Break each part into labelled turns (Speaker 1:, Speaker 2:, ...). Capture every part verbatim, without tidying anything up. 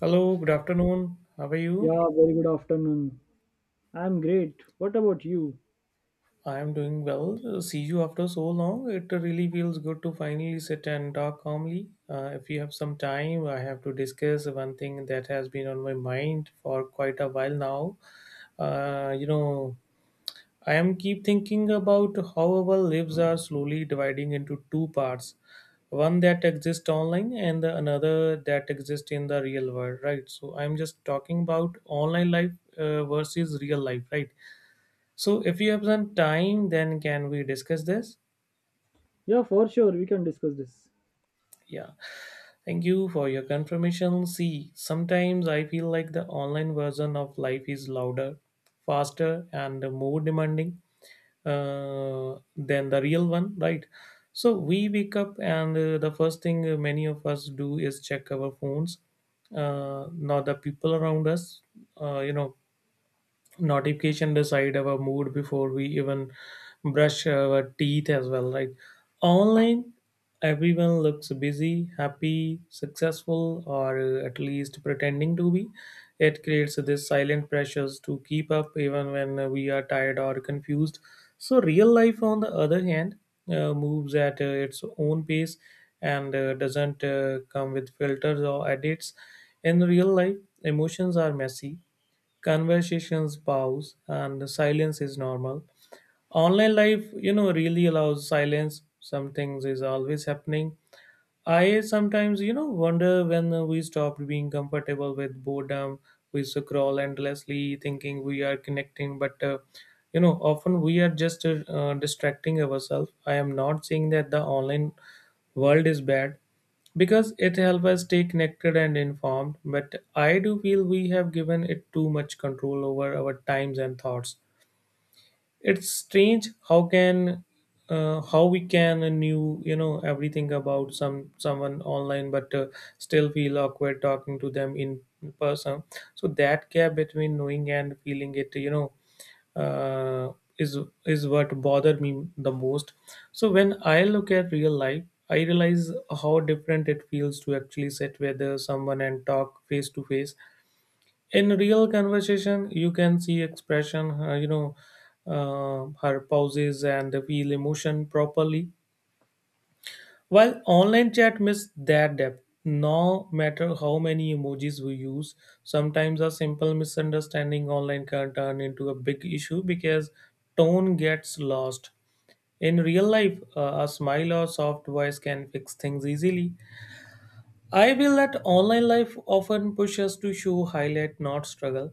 Speaker 1: Hello, good afternoon. How are you?
Speaker 2: Yeah, very good afternoon. I'm great. What about you?
Speaker 1: I am doing well. Uh, See you after so long. It really feels good to finally sit and talk calmly. Uh, if you have some time, I have to discuss one thing that has been on my mind for quite a while now. Uh, you know, I am keep thinking about how our lives are slowly dividing into two parts. One that exists online and the another that exists in the real world, right? So I'm just talking about online life uh, versus real life, right? So, if you have some time, then can we discuss this?
Speaker 2: Yeah, for sure, we can discuss this.
Speaker 1: Yeah. Thank you for your confirmation. See, sometimes I feel like the online version of life is louder, faster, and more demanding uh, than the real one, right? So, we wake up, and uh, the first thing uh, many of us do is check our phones, uh, not the people around us, uh, you know, notification decide our mood before we even brush our teeth as well, right? Online, everyone looks busy, happy, successful, or uh, at least pretending to be. It creates this silent pressures to keep up even when uh, we are tired or confused. So real life, on the other hand, uh, moves at uh, its own pace, and uh, doesn't uh, come with filters or edits. In real life, emotions are messy. Conversations pause and silence is normal. Online life you know really allows silence. Some things is always happening. I sometimes you know wonder when we stopped being comfortable with boredom. We scroll endlessly thinking we are connecting, but uh, you know often we are just uh, uh, distracting ourselves. I am not saying that the online world is bad, because it helps us stay connected and informed, but I do feel we have given it too much control over our times and thoughts. It's strange how can uh, how we can uh, knew you know everything about some someone online, but uh, still feel awkward talking to them in person. So that gap between knowing and feeling it, you know uh, is is what bothered me the most. So when I look at real life, I realize how different it feels to actually sit with uh, someone and talk face to face. In real conversation, you can see expression, uh, you know uh, her pauses and feel emotion properly, while online chat miss that depth no matter how many emojis we use. Sometimes a simple misunderstanding online can turn into a big issue because tone gets lost. In real life, uh, a smile or soft voice can fix things easily. I feel that online life often pushes us to show highlight, not struggle.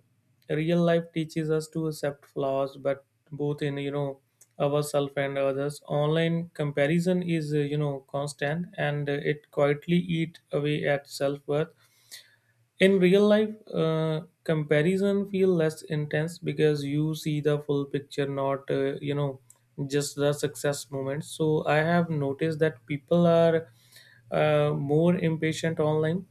Speaker 1: Real life teaches us to accept flaws, but both in, you know ourselves and others. Online comparison is uh, you know constant, and uh, it quietly eat away at self worth. In real life, uh, comparison feel less intense because you see the full picture, not uh, you know just the success moments. So I have noticed that people are uh, more impatient online,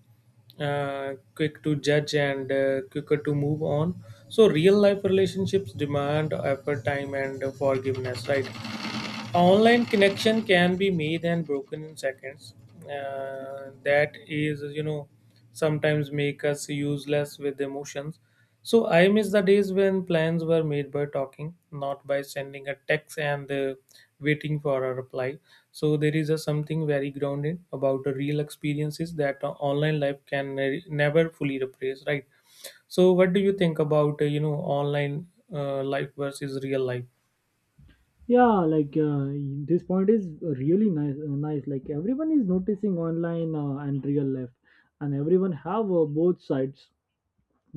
Speaker 1: uh, quick to judge and uh, quicker to move on. So real life relationships demand effort, time, and forgiveness, right? Online connection can be made and broken in seconds. Uh, that is, you know sometimes make us useless with emotions. So I miss the days when plans were made by talking, not by sending a text and uh, waiting for a reply. So there is a something very grounded about the real experiences that uh, online life can ne- never fully replace, right? So what do you think about uh, you know online uh, life versus real life?
Speaker 2: Yeah, like uh, this point is really nice. Uh, nice, like everyone is noticing online uh, and real life, and everyone have uh, both sides.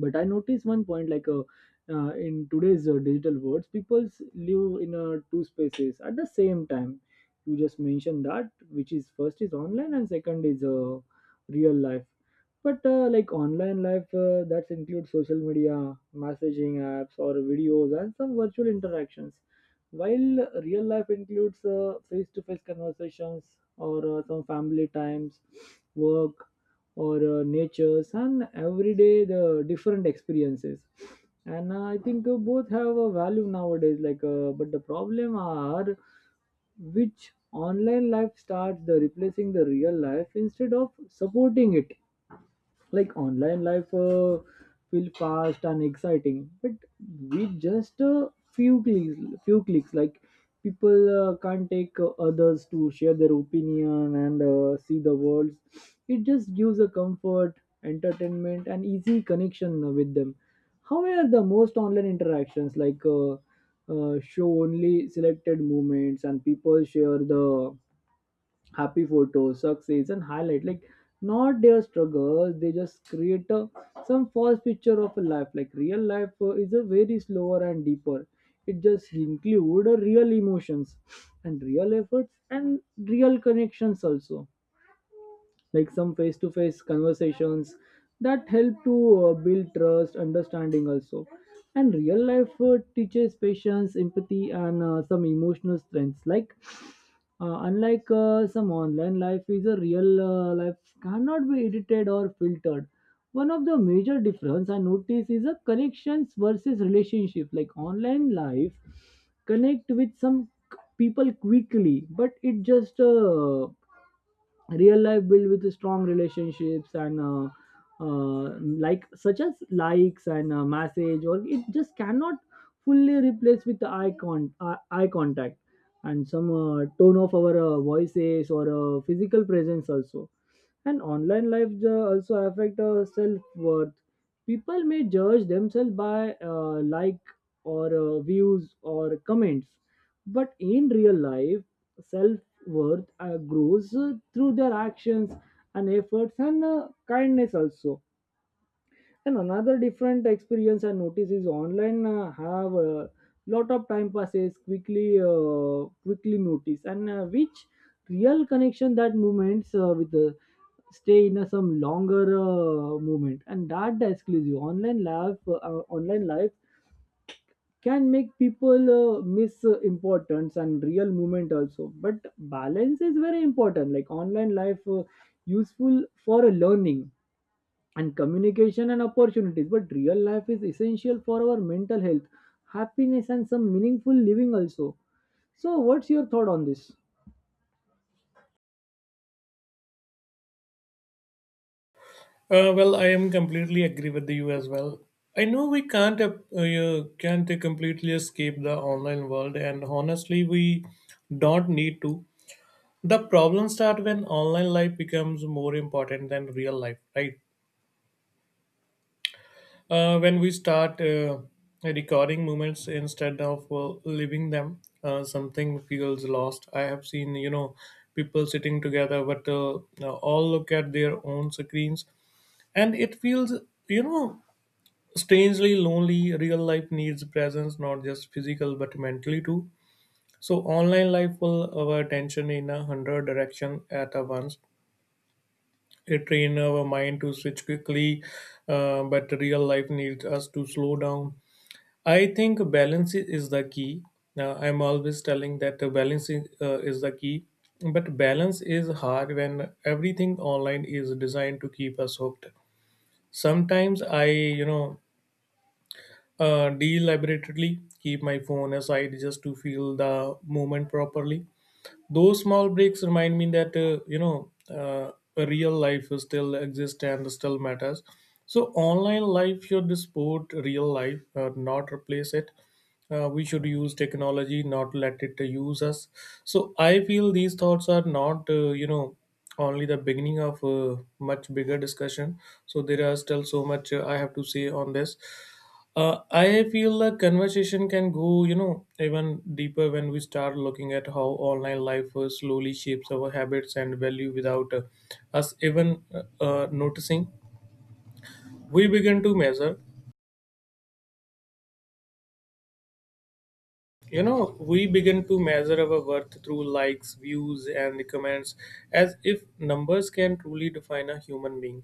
Speaker 2: But I notice one point like uh, uh, in today's uh, digital worlds people live in uh, two spaces at the same time. You just mentioned that, which is first is online and second is uh, real life. But uh, like online life uh, that includes social media, messaging apps, or videos, and some virtual interactions, while real life includes face to face conversations, or uh, some family times, work, or uh, natures, and everyday the different experiences. And uh, I think uh, both have a value nowadays. Like, uh, but the problem are which online life starts the replacing the real life instead of supporting it. Like online life uh, feel fast and exciting, but with just a few clicks few clicks, like, people uh, can't take uh, others to share their opinion and uh, see the world. It just gives a comfort, entertainment, and easy connection with them. However, the most online interactions, like uh, uh, show only selected moments, and people share the happy photos, success, and highlight. Like not their struggles, they just create a, some false picture of a life. Like real life uh, is a very slower and deeper. It just include uh, real emotions and real efforts and real connections also, like some face to face conversations that help to uh, build trust, understanding also. And real life uh, teaches patience, empathy, and uh, some emotional strengths. Like, uh, unlike uh, some online life, is a real uh, life cannot be edited or filtered. One of the major difference I notice is a connections versus relationship. Like online life connect with some people quickly, but it just uh, real life built with strong relationships, and uh, uh, like such as likes and uh, message, or it just cannot fully replace with the eye, con- uh, eye contact and some uh, tone of our uh, voices, or uh, physical presence also. And online lives uh, also affect our self-worth. People may judge themselves by uh, like, or uh, views, or comments, but in real life, self-worth uh, grows uh, through their actions and efforts and uh, kindness also. And another different experience I notice is online uh, have a lot of time passes quickly, uh, quickly notice, and uh, which real connection that moments uh, with the stay in a some longer uh, moment, and that the exclusive online life uh, uh, online life can make people uh, miss uh, importance and real moment also. But balance is very important. Like online life uh, useful for learning and communication and opportunities, but real life is essential for our mental health, happiness, and some meaningful living also. So what's your thought on this?
Speaker 1: Uh, well, I am completely agree with you as well. I know we can't uh, uh, can't completely escape the online world, and honestly, we don't need to. The problem start when online life becomes more important than real life, right? Uh, when we start uh, recording moments instead of uh, living them, uh, something feels lost. I have seen, you know, people sitting together, but uh, all look at their own screens, and it feels, you know strangely lonely. Real life needs presence, not just physical but mentally too. So online life will our attention in a hundred direction at a once. It train our mind to switch quickly, uh, but real life needs us to slow down. I think balance i- is the key. Uh, I'm always telling that the balance is, uh, is the key. But balance is hard when everything online is designed to keep us hooked. Sometimes I you know Uh, deliberately keep my phone aside just to feel the moment properly. Those small breaks remind me that uh, you know uh, a real life still exists and still matters. So online life should support real life, uh, not replace it. Uh, we should use technology, not let it uh, use us. So I feel these thoughts are not uh, you know only the beginning of a much bigger discussion. So there are still so much uh, I have to say on this. Uh, I feel the conversation can go, you know, even deeper when we start looking at how online life uh, slowly shapes our habits and value without uh, us even uh, uh, noticing. We begin to measure You know, we begin to measure our worth through likes, views, and the comments, as if numbers can truly define a human being.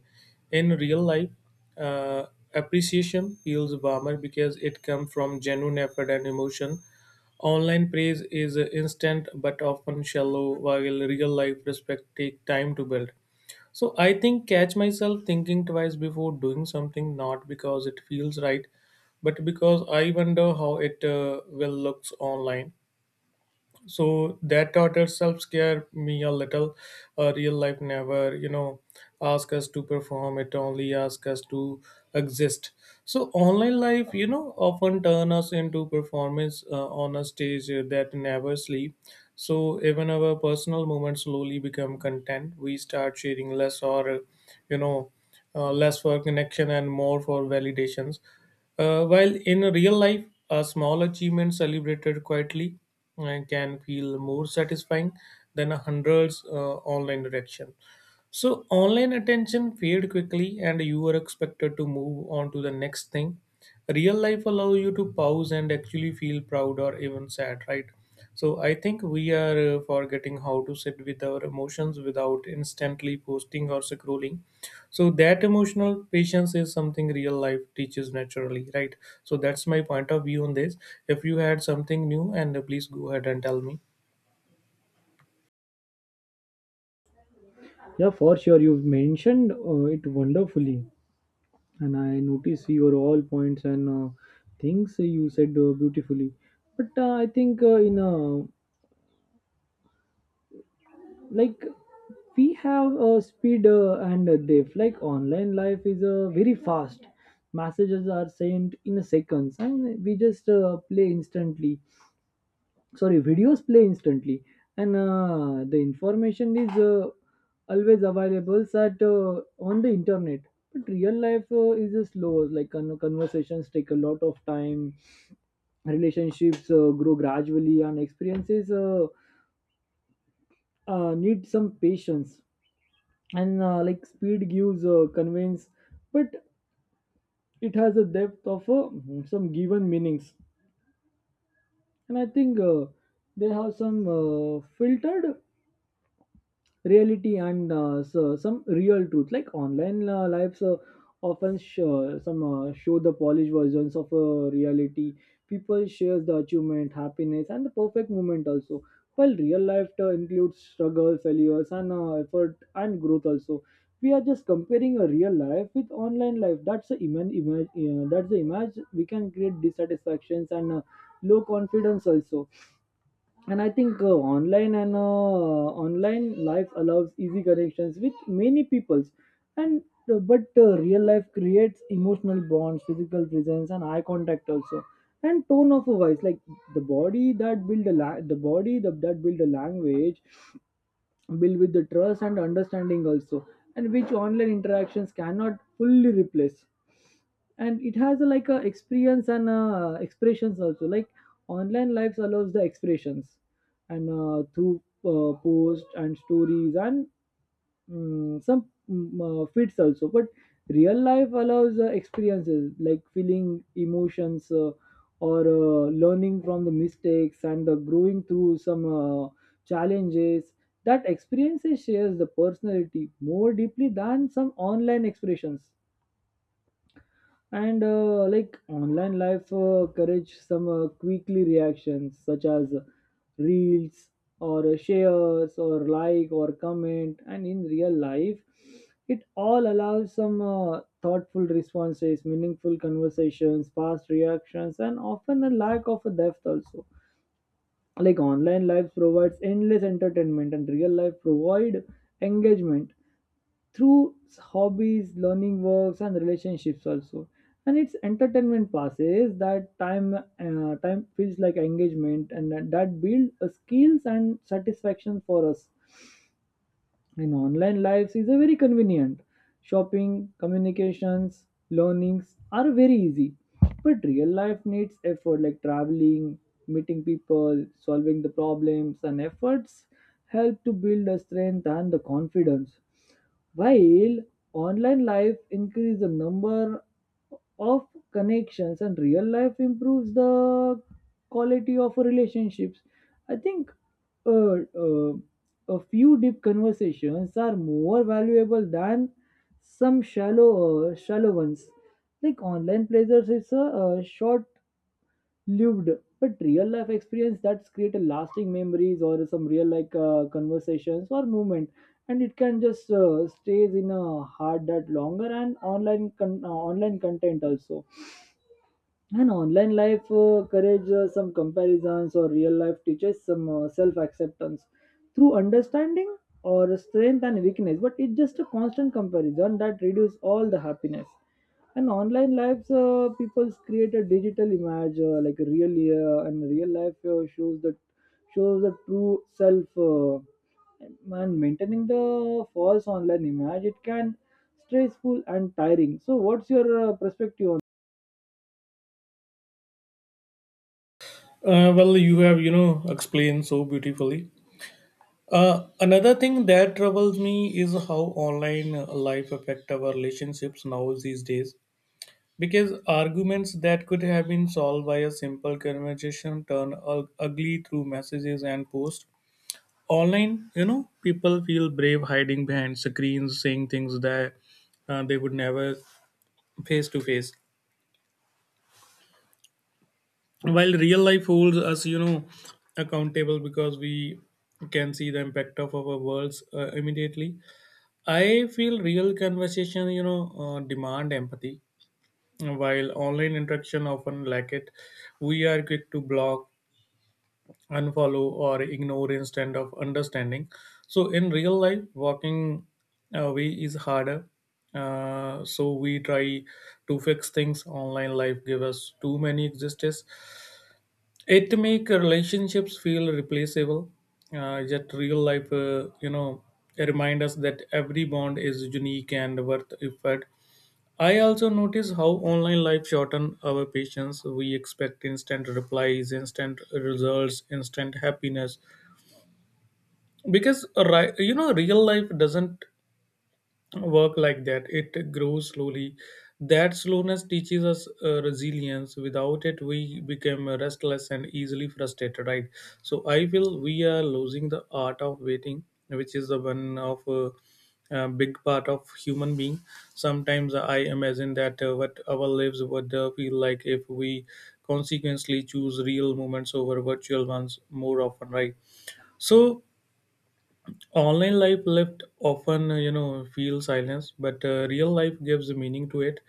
Speaker 1: In real life, uh, appreciation feels warmer because it comes from genuine effort and emotion. Online praise is instant but often shallow, while real life respect take time to build. So I think catch myself thinking twice before doing something, not because it feels right, but because I wonder how it uh, will looks online. So that thought itself scared me a little. Uh, real life never, you know ask us to perform. It only ask us to exist. So online life, you know often turn us into performance uh, on a stage uh, that never sleep. So even our personal moments slowly become content. We start sharing less, or uh, you know uh, less for connection and more for validations, uh, while in real life, a small achievement celebrated quietly uh, can feel more satisfying than a hundreds uh, online reaction. So online attention fade quickly, and you are expected to move on to the next thing. Real life allow you to pause and actually feel proud or even sad, right? So I think we are uh, forgetting how to sit with our emotions without instantly posting or scrolling. So that emotional patience is something real life teaches naturally, right? So that's my point of view on this. If you had something new, and uh, please go ahead and tell me.
Speaker 2: Yeah, for sure, you've mentioned uh, it wonderfully, and I notice your all points and uh, things you said uh, beautifully. But uh, I think, uh, in uh, like we have uh, speed uh, and uh, depth. Like online life is uh, very fast. Messages are sent in seconds, and we just uh, play instantly. Sorry, videos play instantly, and uh, the information is uh, always available at uh, on the internet. But real life uh, is uh, slow. Like con- conversations take a lot of time, relationships uh, grow gradually, and experiences uh, uh, need some patience. And uh, like speed gives uh, conveyance, but it has a depth of uh, some given meanings. And I think uh, they have some uh, filtered reality and uh, so some real truth. Like online uh, lives uh, often show, some uh, show the polished versions of uh, reality. People share the achievement, happiness, and the perfect moment also, while real life uh, includes struggle, failures, and uh, effort and growth also. We are just comparing a real life with online life, that's the image, image uh, that's the image, we can create dissatisfactions and uh, low confidence also. And I think uh, online and uh, online life allows easy connections with many peoples, and uh, but uh, real life creates emotional bonds, physical presence, and eye contact also, and tone of a voice. Like the body that build a la- the body that, that build a language. Built with the trust and understanding also, and which online interactions cannot fully replace. And it has a, like a experience and uh, expressions also. Like online lives allows the expressions and uh, through uh, posts and stories and mm, some mm, uh, fits also, but real life allows uh, experiences like feeling emotions, uh, or uh, learning from the mistakes, and uh, growing through some uh, challenges. That experiences shares the personality more deeply than some online expressions. And uh, like online life uh, encourage some uh, quickly reactions such as reels, or shares, or like, or comment, and in real life, it all allows some uh, thoughtful responses, meaningful conversations, fast reactions, and often a lack of a depth also. Like online life provides endless entertainment, and real life provide engagement through hobbies, learning works, and relationships also. And its entertainment passes that time. Uh, time feels like engagement, and that, that build uh, skills and satisfaction for us. And online lives is a very convenient. Shopping, communications, learnings are very easy. But real life needs effort like traveling, meeting people, solving the problems, and efforts help to build the strength and the confidence. While online life increases the number of connections and real life improves the quality of relationships, I think uh, uh, a few deep conversations are more valuable than some shallow, uh, shallow ones. Like online pleasures, it's a, uh short-lived, but real-life experience that's create a lasting memories, or some real like uh, conversations or movement, and it can just uh, stays in a heart that longer, and online con- uh, online content also. And online life uh, courage uh, some comparisons, or real life teaches some uh, self acceptance through understanding or strength and weakness. But it's just a constant comparison that reduces all the happiness. And online lives, uh, people create a digital image uh, like a real uh, and real life uh, shows the shows the true self. Uh, and maintaining the false online image, it can stressful and tiring. So, what's your uh, perspective on?
Speaker 1: Uh, well, you have, you know explained so beautifully. Uh, another thing that troubles me is how online uh, life affect our relationships now these days, because arguments that could have been solved by a simple conversation turn ug- ugly through messages and posts. Online, you know people feel brave hiding behind screens, saying things that uh, they would never face to face, while real life holds us, you know accountable, because we can see the impact of our words uh, immediately. I feel real conversation, you know uh, demand empathy, while online interaction often lack it. We are quick to block, unfollow, or ignore, instead of understanding. So in real life, walking away is harder, uh, so we try to fix things. Online life give us too many existence. It make relationships feel replaceable, uh, yet real life, uh, you know remind us that every bond is unique and worth effort. I also notice how online life shorten our patience. We expect instant replies, instant results, instant happiness, because ri- you know real life doesn't work like that. It grows slowly. That slowness teaches us uh, resilience. Without it, we become restless and easily frustrated, right? So I feel we are losing the art of waiting, which is the one of uh, a big part of human being. Sometimes I imagine that uh, what our lives would uh, feel like if we consequently choose real moments over virtual ones more often, right? So online life left often, uh, you know feel silence, but uh, real life gives meaning to it.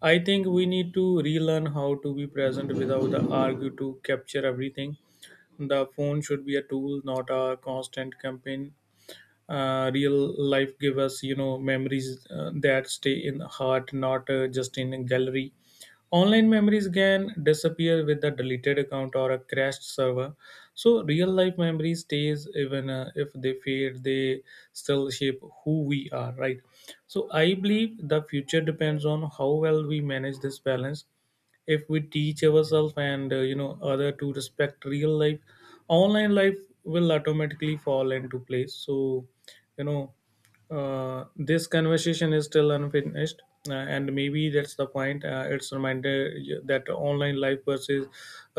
Speaker 1: I think we need to relearn how to be present without the argue to capture everything. The phone should be a tool, not a constant campaign. Uh, real life give us, you know memories uh, that stay in heart, not uh, just in a gallery. Online memories can disappear with a deleted account or a crashed server. So real life memory stays, even uh, if they fade, they still shape who we are, right? So I believe the future depends on how well we manage this balance. If we teach ourselves and uh, you know other to respect real life, online life will automatically fall into place. So you know uh, this conversation is still unfinished, uh, and maybe that's the point. Uh, it's a reminder that online life versus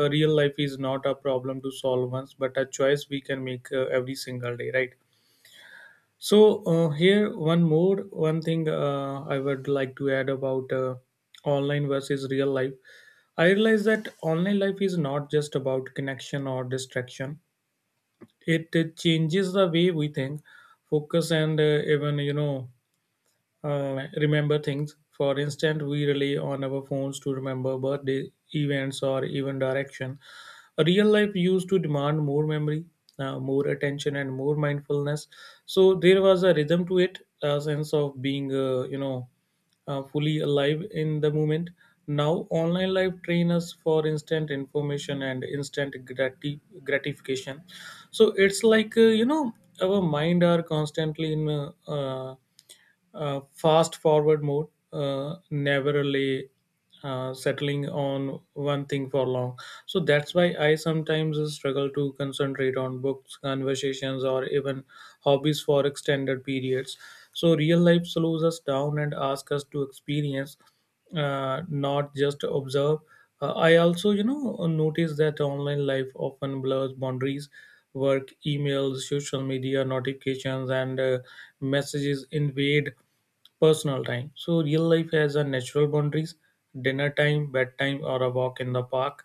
Speaker 1: uh, real life is not a problem to solve once, but a choice we can make uh, every single day, right? So uh, here, one more one thing uh, I would like to add about uh, online versus real life. I realize that online life is not just about connection or distraction. It, uh, changes the way we think, focus, and uh, even you know uh, remember things. For instance, we rely on our phones to remember birthday events or even direction. Real life used to demand more memory, uh, more attention, and more mindfulness. So there was a rhythm to it, a sense of being, uh, you know, uh, fully alive in the moment. Now, online life train us for instant information and instant grati- gratification. So it's like uh, you know, our mind are constantly in uh, uh, uh, fast forward mode, uh, never really uh, settling on one thing for long. So that's why I sometimes struggle to concentrate on books, conversations, or even hobbies for extended periods. So real life slows us down and asks us to experience uh, not just observe. Uh, I also, you know, notice that online life often blurs boundaries. Work, emails, social media notifications, and uh, messages invade personal time. So real life has a natural boundaries: dinner time, bedtime, or a walk in the park,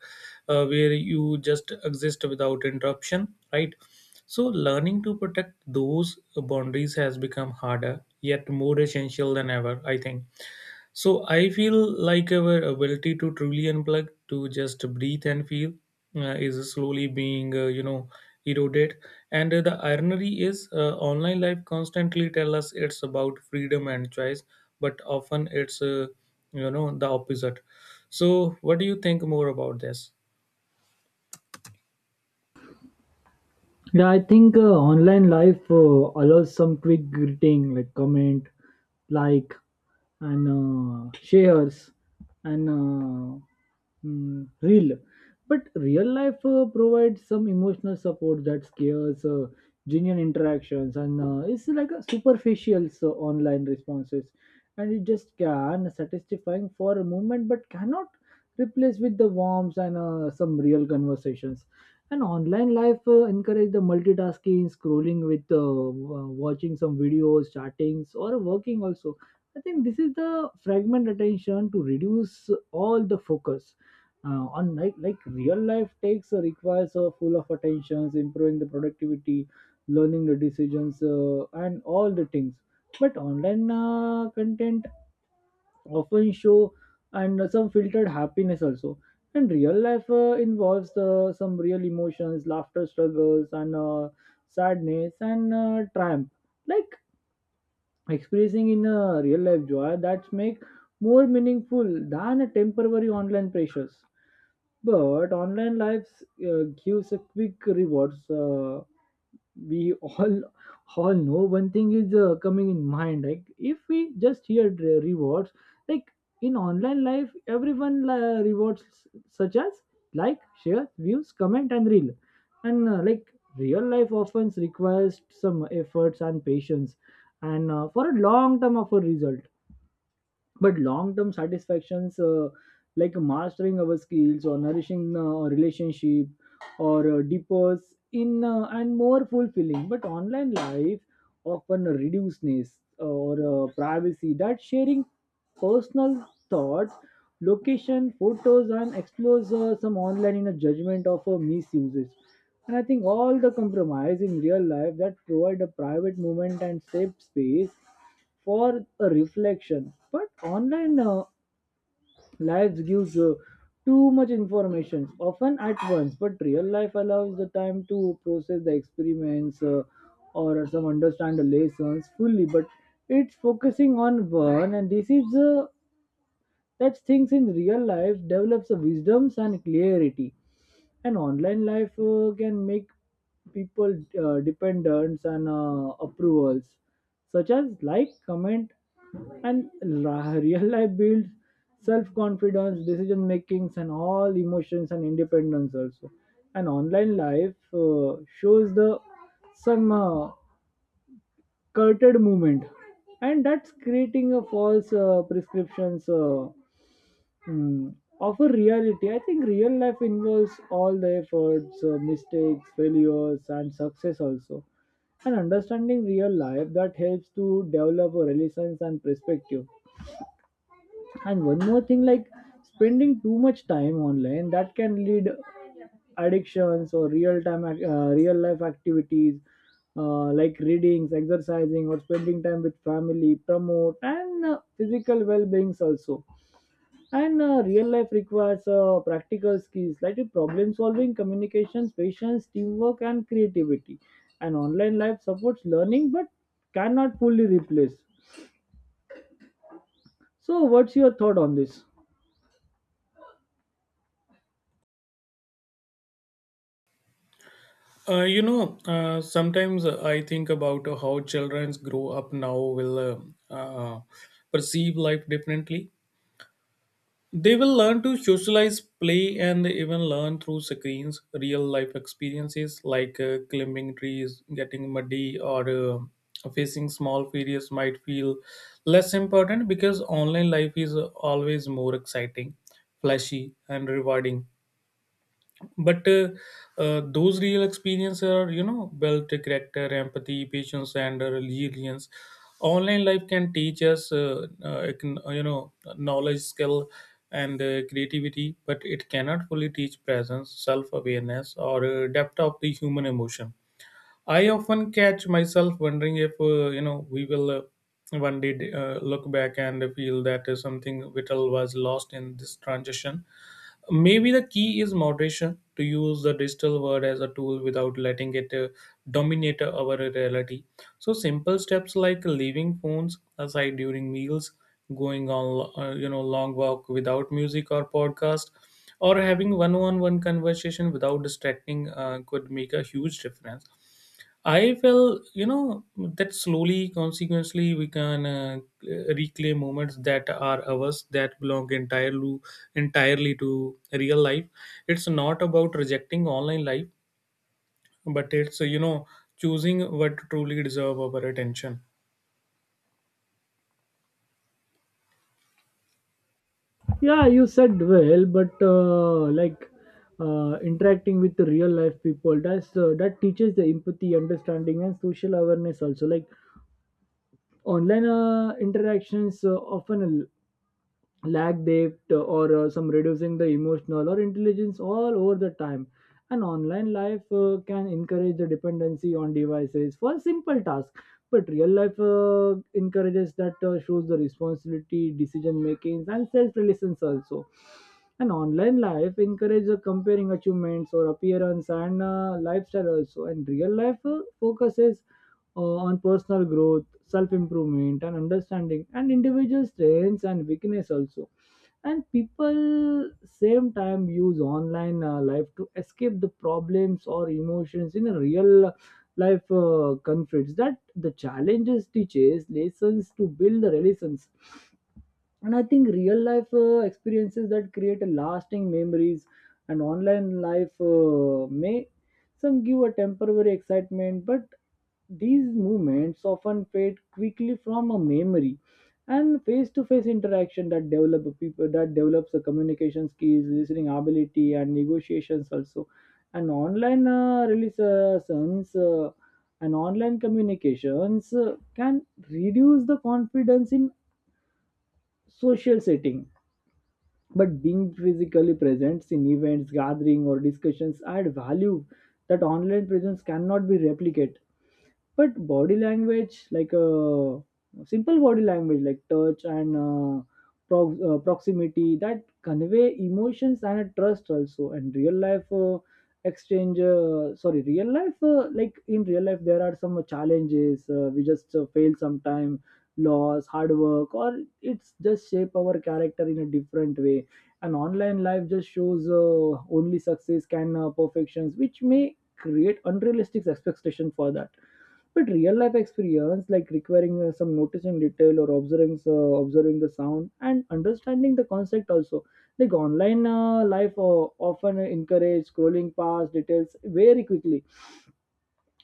Speaker 1: uh, where you just exist without interruption, right? So learning to protect those boundaries has become harder, yet more essential than ever. I think so I feel like our ability to truly unplug, to just breathe and feel, uh, is slowly being, uh, you know, eroded. And uh, the irony is, uh, online life constantly tell us it's about freedom and choice, but often it's, uh, you know, the opposite. So what do you think more about this?
Speaker 2: Yeah, I think uh, online life uh, allows some quick greeting, like comment, like, and uh, shares, and uh, mm, real. But real life uh, provides some emotional support that scares uh, genuine interactions, and uh, it's like a superficial so online responses, and it just can satisfying for a moment, but cannot replace with the warmth and uh, some real conversations. And online life uh, encourage the multitasking scrolling with uh, w- watching some videos, chattings, or working also. I think this is the fragment attention to reduce all the focus uh, on like like real life takes uh, requires a full of attentions, improving the productivity, learning the decisions, uh, and all the things. But online uh, content often show and some filtered happiness also. And real life uh, involves uh, some real emotions, laughter, struggles, and uh, sadness, and uh, triumph. Like expressing in a real life joy that make more meaningful than a temporary online pressures. But online lives uh, gives a quick rewards, uh, we all all know one thing is uh, coming in mind, like if we just hear the rewards, like in online life, everyone uh, rewards such as like, share, views, comment, and reel. And uh, like real life often requires some efforts and patience, and uh, for a long term of a result. But long-term satisfactions, uh, like mastering our skills, or nourishing uh, a relationship, or uh, deepers in uh, and more fulfilling. But online life often reduceness or uh, privacy that sharing personal thoughts, location, photos, and explores uh, some online in a judgment of uh, misuses. And I think all the compromise in real life that provide a private moment and safe space for a reflection. But online uh, lives gives uh, too much information, often at once. But real life allows the time to process the experiments, uh, or some understand the lessons fully. But it's focusing on one, and this is uh, that things in real life develops the wisdoms and clarity. And online life uh, can make people uh, dependents and uh, approvals such as like, comment, and la- real life builds self confidence, decision makings, and all emotions and independence also. And online life uh, shows the some uh, curted movement, and that's creating a false uh, prescriptions, uh, Mm. of a reality. I think real life involves all the efforts, uh, mistakes, failures, and success also. And understanding real life that helps to develop a relations and perspective. And one more thing, like spending too much time online, that can lead addictions or real time, ac- uh, real life activities, uh, like readings, exercising, or spending time with family. Promote and uh, physical well beings also. And uh, real life requires uh, practical skills like problem solving, communications, patience, teamwork, and creativity. And online life supports learning but cannot fully replace. So, what's your thought on this?
Speaker 1: Uh, you know, uh, sometimes I think about how children grow up now will uh, uh, perceive life differently. They will learn to socialize, play, and even learn through screens, real life experiences like uh, climbing trees, getting muddy, or uh, facing small failures might feel less important because online life is always more exciting, flashy, and rewarding but uh, uh, those real experiences are you know built character empathy patience and uh, resilience. Online life can teach us uh, uh, it can, uh, you know knowledge skill and uh, creativity, but it cannot fully teach presence self-awareness or uh, depth of the human emotion. I often catch myself wondering if uh, you know we will uh, one day uh, look back and feel that uh, something vital was lost in this transition. Maybe the key is moderation to use the digital world as a tool without letting it uh, dominate our reality. So simple steps like leaving phones aside during meals, going on uh, you know long walk without music or podcast, or having one-on-one conversation without distracting uh, could make a huge difference. I feel, you know, that slowly, consequently, we can uh, reclaim moments that are ours that belong entirely, entirely to real life. It's not about rejecting online life, but it's, you know, choosing what truly deserve our attention.
Speaker 2: Yeah, you said well, but uh, like uh, interacting with the real life people, that's uh, that teaches the empathy, understanding, and social awareness also. Like online uh, interactions uh, often lack depth or uh, some reducing the emotional or intelligence all over the time. And online life uh, can encourage the dependency on devices for simple tasks, but real life uh, encourages that uh, shows the responsibility decision making and self reliance also. And online life encourages the comparing achievements or appearance and uh, lifestyle also, and real life uh, focuses uh, on personal growth, self improvement, and understanding, and individual strengths and weakness also. And people same time use online uh, life to escape the problems or emotions in a real life uh, conflicts. That the challenges teaches lessons to build the relations. And I think real life uh, experiences that create a lasting memories, and online life uh, may some give a temporary excitement, but these movements often fade quickly from a memory. And face-to-face interaction that develop a people, that develops the communication skills, listening ability, and negotiations also. And online uh, releases uh, and online communications uh, can reduce the confidence in social setting, but being physically present in events, gathering, or discussions add value that online presence cannot be replicated. But body language like a simple body language like touch and uh, pro- uh, proximity that convey emotions and a trust also. And real life uh, exchange uh, sorry real life, uh, like in real life there are some challenges, uh, we just uh, fail sometime, loss hard work, or it's just shape our character in a different way. An online life just shows uh, only success can uh, perfections which may create unrealistic expectation for that. But real life experience, like requiring uh, some noticing detail or observing uh, observing the sound and understanding the concept also. Like online uh, life uh, often encourage scrolling past details very quickly,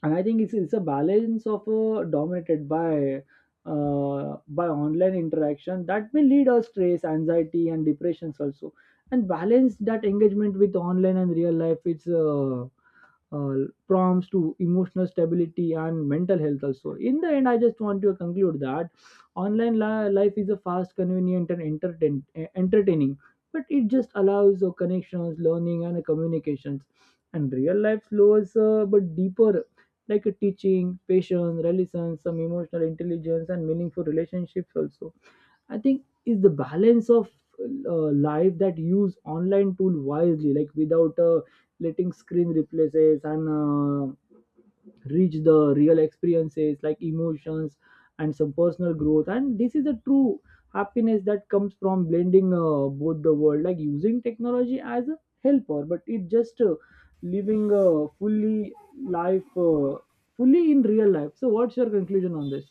Speaker 2: and I think it's, it's a balance of uh, dominated by uh, by online interaction that may lead us stress, anxiety, and depressions also. And balance that engagement with online and real life. It's uh, uh, prompts to emotional stability and mental health also. In the end I just want to conclude that online li- life is a fast convenient and entertain- eh, entertaining, but it just allows uh, connections learning and communications. And real life slows uh, but deeper, like a teaching patience resilience some emotional intelligence and meaningful relationships also. I think is the balance of uh, life that use online tool wisely, like without uh, letting screen replaces and uh, reach the real experiences like emotions and some personal growth. And this is a true happiness that comes from blending uh, both the world, like using technology as a helper, but it just uh, living uh, fully life uh, fully in real life. So what's your conclusion on this?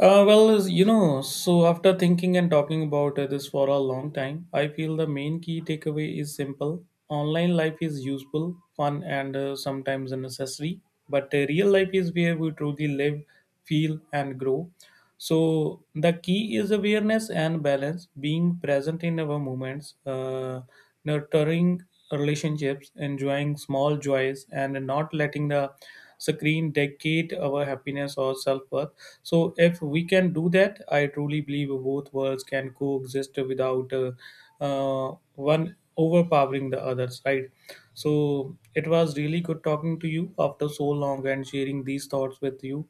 Speaker 1: Uh, well, you know, so after thinking and talking about uh, this for a long time, I feel the main key takeaway is simple. Online life is useful, fun, and uh, sometimes a necessary, but uh, real life is where we truly live, feel, and grow. So the key is awareness and balance, being present in our moments, uh, nurturing relationships, enjoying small joys, and not letting the screen dictate our happiness or self-worth. So if we can do that, I truly believe both worlds can coexist without uh, uh, one overpowering the others. Right. So it was really good talking to you after so long and sharing these thoughts with you.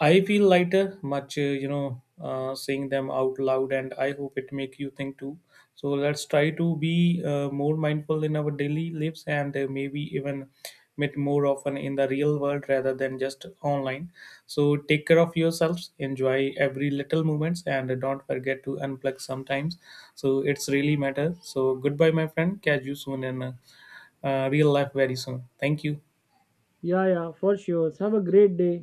Speaker 1: I feel lighter much, uh, you know, uh, saying them out loud, and I hope it make you think too. So let's try to be uh, more mindful in our daily lives, and uh, maybe even meet more often in the real world rather than just online. So take care of yourselves, enjoy every little moments, and don't forget to unplug sometimes. So it's really matter. So goodbye, my friend. Catch you soon in uh, uh, real life very soon. Thank you.
Speaker 2: Yeah, yeah, for sure, have a great day.